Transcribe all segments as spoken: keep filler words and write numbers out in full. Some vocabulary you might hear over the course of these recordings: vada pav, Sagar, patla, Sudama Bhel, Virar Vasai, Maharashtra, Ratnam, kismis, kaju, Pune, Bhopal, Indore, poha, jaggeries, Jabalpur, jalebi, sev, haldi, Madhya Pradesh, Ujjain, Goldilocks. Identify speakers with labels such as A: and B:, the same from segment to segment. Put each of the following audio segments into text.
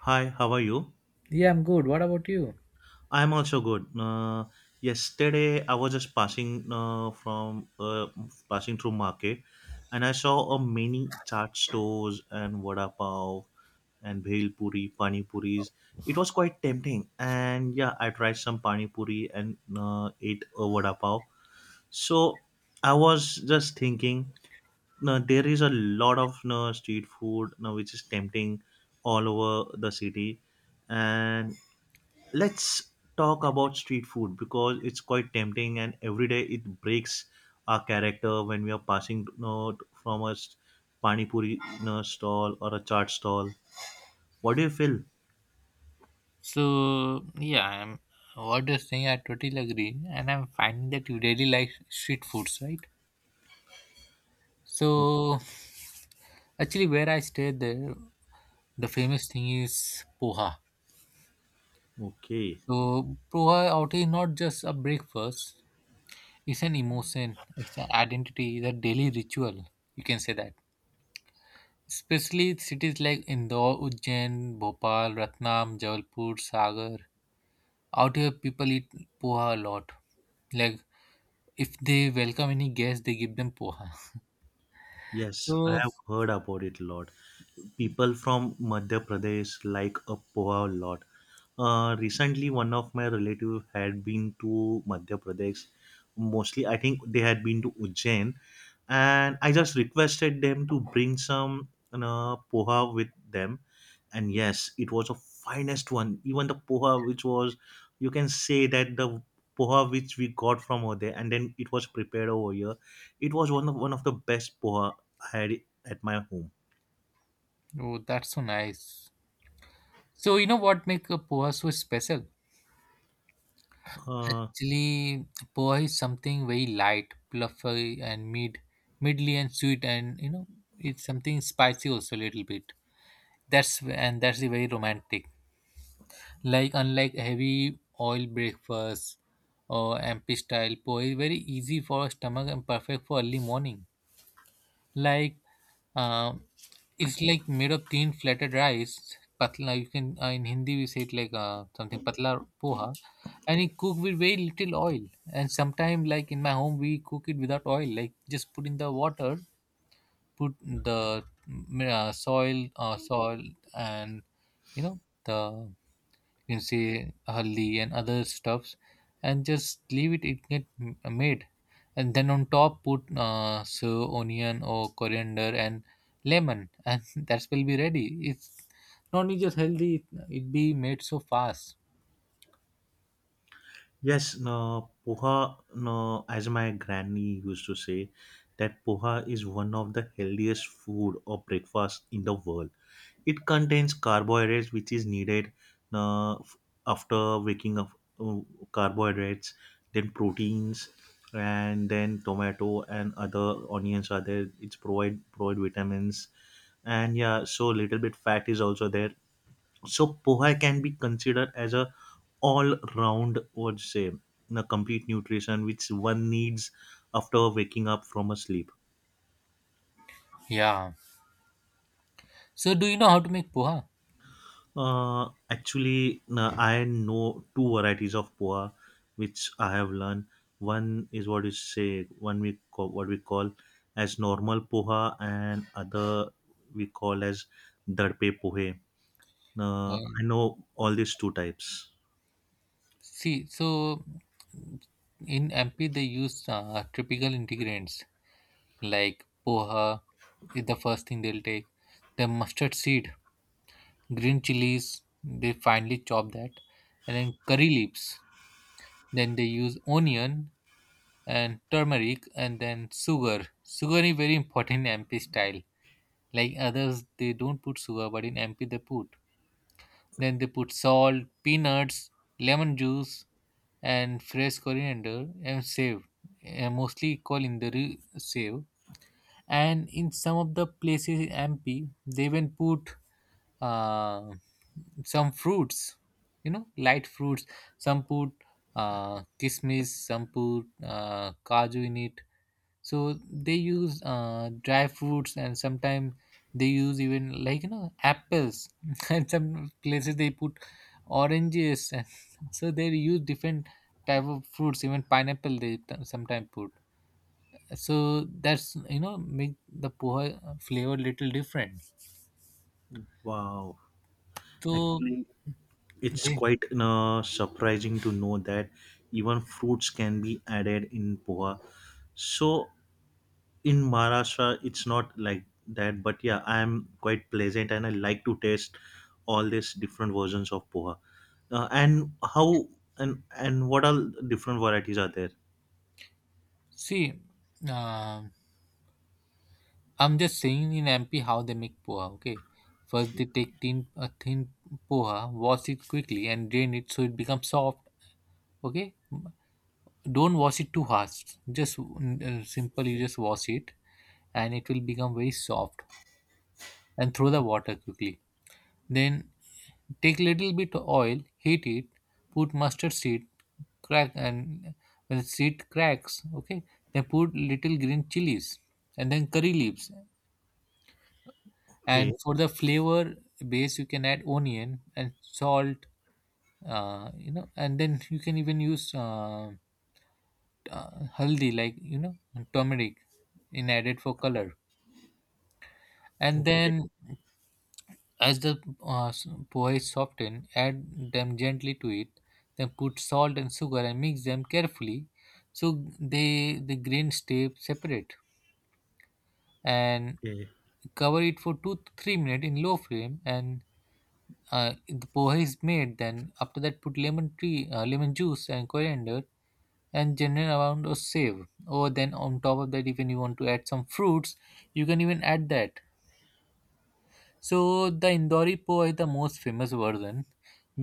A: Hi, how are you?
B: Yeah, I'm good. What about you?
A: I'm also good. Uh, yesterday, I was just passing uh, from uh, passing through market, and I saw a many chaat stores and vada pav and bhel puri, pani puris. It was quite tempting, and yeah, I tried some pani puri and uh, ate a vada pav. So I was just thinking, now there is a lot of uh, street food now which is tempting all over the city, and let's talk about street food because it's quite tempting and every day it breaks our character when we are passing you know, from a s- pani puri you know, stall or a chaat stall. What do you feel?
B: So yeah, I'm what you're saying I totally agree, and I'm finding that you really like street foods, right?
A: O-
B: So actually, where I stay there, the famous thing is poha.
A: Okay.
B: So poha out is not just a breakfast; it's an emotion, it's an identity, it's a daily ritual. You can say that. Especially cities like Indore, Ujjain, Bhopal, Ratnam, Jabalpur, Sagar. Out here, people eat poha a lot, like, if they welcome any guest, they give them poha.
A: Yes, I
B: So,
A: have
B: yes.
A: heard about it a lot. People from Madhya Pradesh like a poha a lot. Uh, recently, one of my relative had been to Madhya Pradesh. Mostly, I think they had been to Ujjain, and I just requested them to bring some you know, poha with them. And yes, it was a finest one. Even the poha, which was, you can say that the poha which we got from over there, and then it was prepared over here it was one of one of the best poha had it at my home.
B: Oh, that's so nice. So, you know what make a poha so special?
A: Uh,
B: Actually, poha is something very light, fluffy, and mid, midly and sweet, and you know, it's something spicy also a little bit. That's and that's a very romantic. Like unlike heavy oil breakfast or M P style, poha is very easy for stomach and perfect for early morning. Like uh, it's like made of thin flattened rice patla, you can, uh, in hindi we say it like uh, something patla poha, and it cooked with very little oil, and sometimes like in my home we cook it without oil, like just put in the water, put the mm, uh, soil uh, soil, and you know, the, you can say, haldi and other stuffs, and just leave it, it get m- made, and then on top put uh, so onion or coriander and lemon and that will be ready. It's not only just healthy, it be made so fast.
A: yes, no, poha, no, as my granny used to say, that poha is one of the healthiest food or breakfast in the world. It contains carbohydrates, which is needed uh, f- after waking up. uh, Carbohydrates, then proteins, and then tomato and other onions are there. It's provide provide vitamins, and yeah, so little bit fat is also there. So poha can be considered as a all round what say the complete nutrition which one needs after waking up from a sleep.
B: Yeah, so do you know how to make poha?
A: Uh, actually uh, I know two varieties of poa which I have learned. One is what you say one we call what we call as normal poha and other we call as darpe pohe. uh, I
B: um,
A: know all these two types.
B: See, so in MP they use uh, typical ingredients like poha is the first thing they'll take: the mustard seed, green chilies, they finely chop that, and then curry leaves. Then they use onion and turmeric and then sugar. Sugar is very important in M P style. Like others, they don't put sugar, but in M P they put. Then they put salt, peanuts, lemon juice, and fresh coriander and save. Uh, mostly call in the re- save. And in some of the places in M P, they even put uh, some fruits, you know, light fruits. Some put uh, kismis, some put uh, kaju in it. So they use uh, dry fruits, and sometimes they use even, like, you know, apples, and some places they put oranges and so they use different type of fruits, even pineapple they sometimes put. So that's, you know, make the poha flavor little different.
A: Wow,
B: So
A: actually, it's
B: they
A: quite uh, surprising to know that even fruits can be added in poha. So in Maharashtra, it's not like that, but yeah, I'm quite pleasant and I like to taste all these different versions of poha. Uh, and how and and what all different varieties are there?
B: See, uh, I'm just saying in M P how they make poha. Okay, first they take thin a thin poha, wash it quickly and drain it so it becomes soft. Okay, don't wash it too harsh. Just uh, simple, you just wash it, and it will become very soft. And throw the water quickly. Then take little bit of oil, heat it, put mustard seed, crack, and when the seed cracks, okay, then put little green chilies and then curry leaves,
A: Okay,
B: and for the flavor base you can add onion and salt, uh, you know, and then you can even use uh, uh, haldi, like, you know, turmeric in added for color. And
A: okay,
B: then as the uh, s- poha is softened, add them gently to it, then put salt and sugar and mix them carefully so they, the grains stay separate. And
A: okay,
B: cover it for two to three minutes in low flame, and uh, the poha is made. Then after that put lemon tree uh, lemon juice and coriander and general amount of save, or then on top of that if you want to add some fruits you can even add that. So the indori poha is the most famous version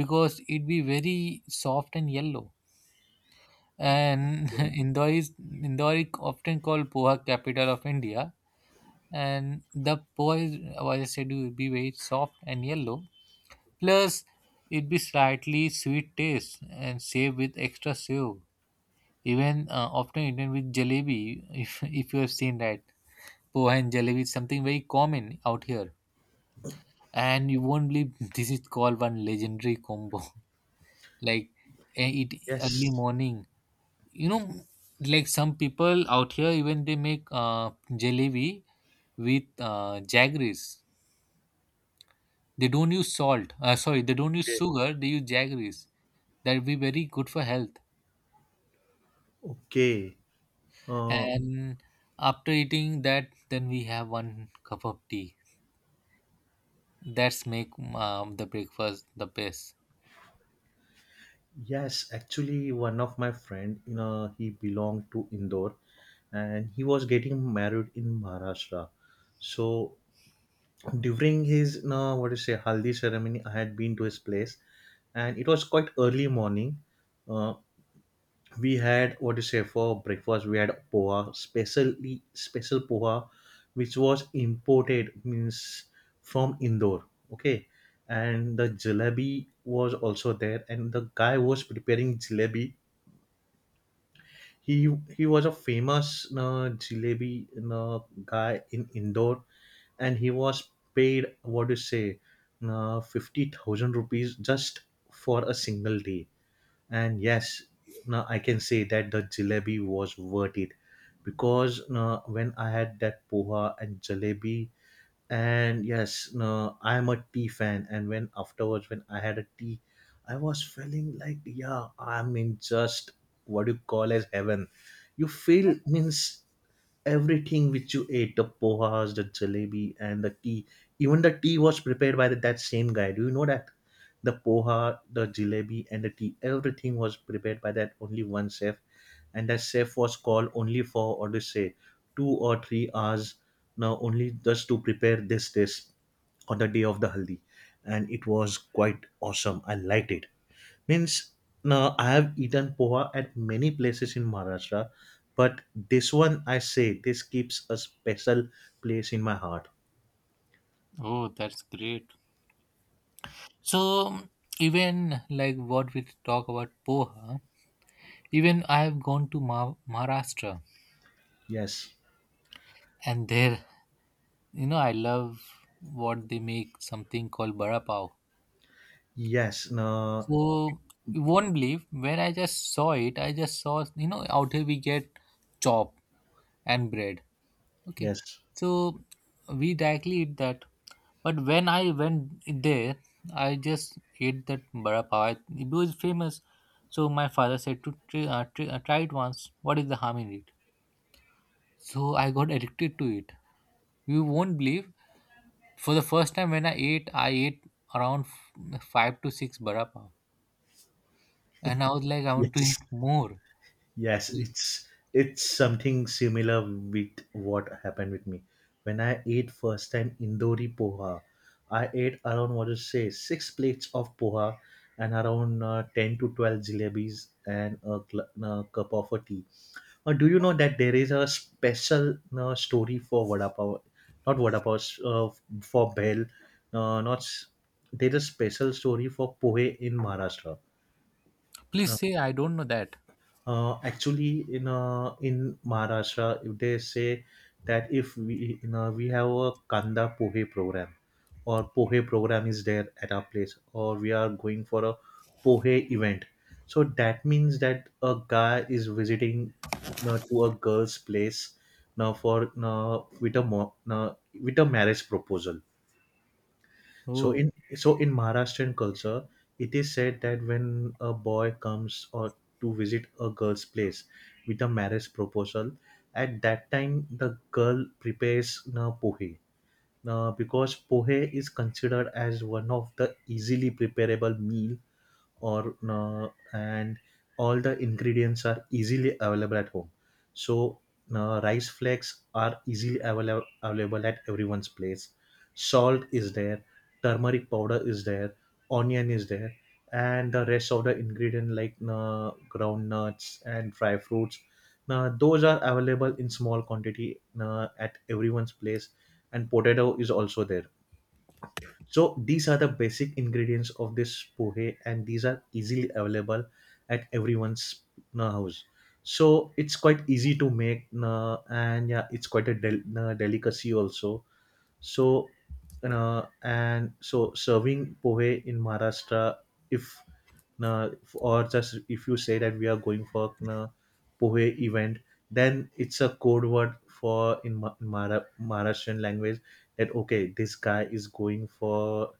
B: because it be very soft and yellow, and
A: okay.
B: indori is indori, often called poha capital of india. And the poha is, as I said, will be very soft and yellow. Plus, it'd be slightly sweet taste and served with extra sev. Even uh, often eaten with jalebi, if, if you have seen that. Poha and jalebi is something very common out here. And you won't believe this is called one legendary combo. Like, eh, eat
A: Yes,
B: early morning. You know, like some people out here, even they make uh, jalebi with uh, jaggeries. They don't use salt. Uh, sorry, they don't use
A: okay,
B: sugar. They use jaggeries. That will be very good for health.
A: okay. Uh,
B: And after eating that then we have one cup of tea. That's make um, the breakfast the best.
A: yes, actually, one of my friend, you know, he belonged to Indore, and he was getting married in Maharashtra. So during his, you know, what do you say, haldi ceremony, I had been to his place, and it was quite early morning. Uh, we had what do you say for breakfast? We had poha, specially special poha, which was imported means from Indore. Okay, and the jalebi was also there, and the guy was preparing jalebi he he was a famous uh, jalebi uh, guy in Indore, and he was paid what do you say, uh, fifty thousand rupees just for a single day. And yes, now I can say that the jalebi was worth it, because uh, when I had that poha and jalebi and yes no I'm a tea fan and when afterwards when I had a tea I was feeling like yeah I'm in just what you call as heaven, you feel means everything which you ate, the pohas, the jalebi and the tea, even the tea was prepared by the, that same guy. Do you know that the poha, the jalebi and the tea, everything was prepared by that only one chef, and that chef was called only for or to say two or three hours now only just to prepare this dish on the day of the haldi. And it was quite awesome, I liked it, means now I have eaten poha at many places in Maharashtra, but this one I say this keeps a special place in my heart.
B: Oh, that's great. So even like what we talk about poha, even I have gone to Ma- Maharashtra,
A: Yes.
B: and there, you know, I love what they make, something called bara pav.
A: Yes. No.
B: So you won't believe, when I just saw it, I just saw, you know, out here we get chop and bread. Okay,
A: Yes.
B: so we directly eat that. But when I went there, I just ate that vada pav. It was famous. So my father said to try, uh, try, uh, try it once. What is the harm in it? So I got addicted to it. You won't believe. For the first time when I ate, I ate around f- five to six vada pav, and I was like, I want to eat
A: Yes.
B: more.
A: Yes, it's it's something similar with what happened with me. When I ate first time Indori poha, I ate around what to say six plates of poha and around uh, ten to twelve jalebis and a, gl- a cup of a tea. Uh, do you know that there is a special uh, story for vada pav, not vada pav, uh, for bell, uh, not s- there is a special story for pohe in Maharashtra.
B: Please say I don't know that.
A: uh, actually in uh, in Maharashtra if they say that if we you know we have a kanda pohe program or pohe program is there at our place or we are going for a pohe event, so that means that a guy is visiting you know, to a girl's place, now for you know, with a mo- you know, with a marriage proposal. so
B: Oh,
A: in so in Maharashtrian culture, it is said that when a boy comes or to visit a girl's place with a marriage proposal, at that time the girl prepares na pohe. Now, because pohe is considered as one of the easily preparable meal or uh, and all the ingredients are easily available at home, so uh, rice flakes are easily available available at everyone's place, salt is there, turmeric powder is there, onion is there, and the rest of the ingredient like uh, groundnuts and dry fruits, now those are available in small quantity uh, at everyone's place, and potato is also there. So these are the basic ingredients of this pohe, and these are easily available at everyone's uh, house. So it's quite easy to make, uh, and yeah, it's quite a del- uh, delicacy also. So, uh, and so serving pohe in Maharashtra, if uh, or just if you say that we are going for uh, pohe event, then it's a code word for in Ma- Mara- Maharashtrian language that okay, this guy is going for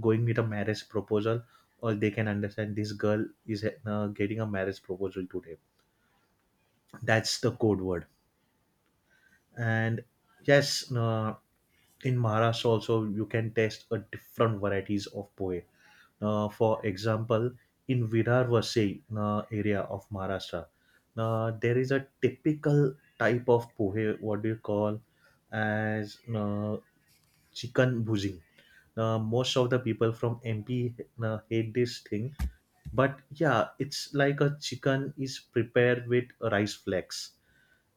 A: going with a marriage proposal, or they can understand this girl is uh, getting a marriage proposal today. That's the code word, and yes. Uh, in Maharashtra also you can taste a different varieties of pohe. Uh, for example, in Virar Vasai uh, area of Maharashtra, uh, there is a typical type of pohe. What do you call as uh, chicken bhujing? Uh, most of the people from M P uh, hate this thing, but yeah, it's like a chicken is prepared with rice flakes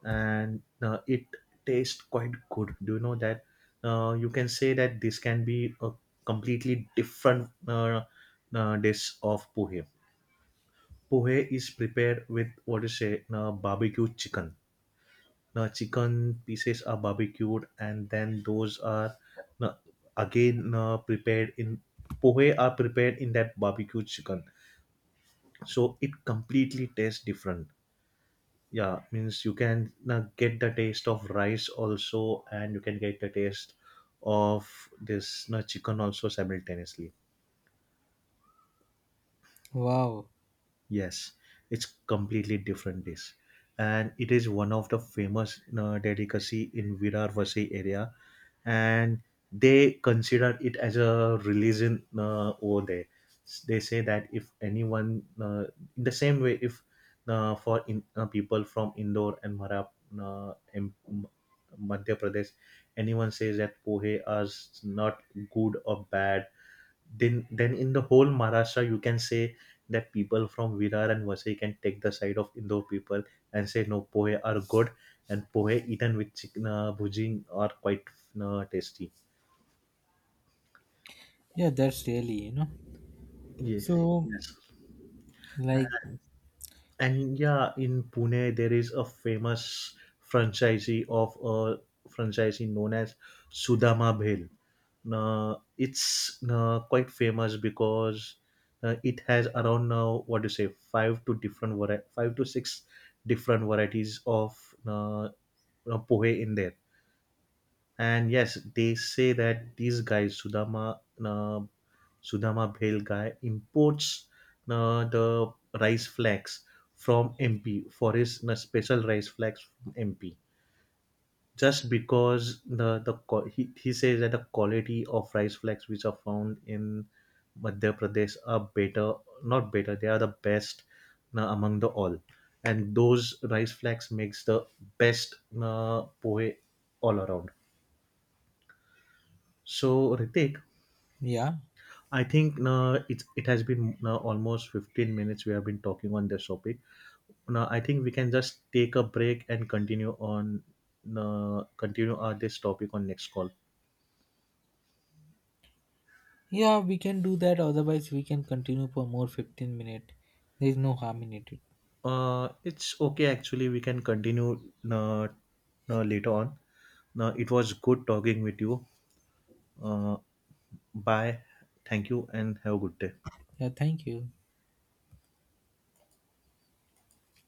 A: and uh, it tastes quite good. Do you know that uh, you can say that this can be a completely different uh, uh, dish of pohe. Pohe is prepared with what you say, uh, barbecue chicken. Now, chicken pieces are barbecued, and then those are uh, again uh, prepared in pohe are prepared in that barbecue chicken. So it completely tastes different, yeah, means you can uh, get the taste of rice also and you can get the taste of this uh, chicken also simultaneously.
B: wow.
A: Yes, it's completely different dish, and it is one of the famous uh, delicacy in Virarvasi area, and they consider it as a religion uh, over there. S- They say that if anyone, uh, in the same way, if uh, for in, uh, people from Indore and Mara, uh, M- M- Madhya Pradesh, anyone says that pohe is not good or bad, then then in the whole Maharashtra you can say that people from Virar and Vasai can take the side of Indo people and say no pohe are good and pohe eaten with chicken uh, bhuji are quite uh, tasty.
B: Yeah, that's really, you know.
A: Yeah.
B: So,
A: Yes.
B: like,
A: And yeah, in Pune, there is a famous franchisee of a franchisee known as Sudama Bhel. Uh, it's uh, quite famous because uh, it has around now what do you say five to different vari- five to six different varieties of uh, uh, pohe in there. And yes, they say that these guys, Sudama, uh, Sudama Bhel guy, imports uh, the rice flakes from M P for his uh, special rice flakes from M P. Just because the, the qua- he, he says that the quality of rice flakes which are found in Madhya Pradesh are better, not better, they are the best uh, among the all. And those rice flakes makes the best uh, pohe all around. So, Ritik,
B: yeah.
A: I think uh, it's it has been uh, almost fifteen minutes we have been talking on this topic. Now I think we can just take a break and continue on uh, continue uh, this topic on next call.
B: Yeah, we can do that. Otherwise, we can continue for more fifteen minutes. There is no harm in it.
A: Uh, it's okay actually we can continue uh, uh, later on. Now it was good talking with you. Uh, bye. Thank you and have a good day.
B: Yeah, thank you.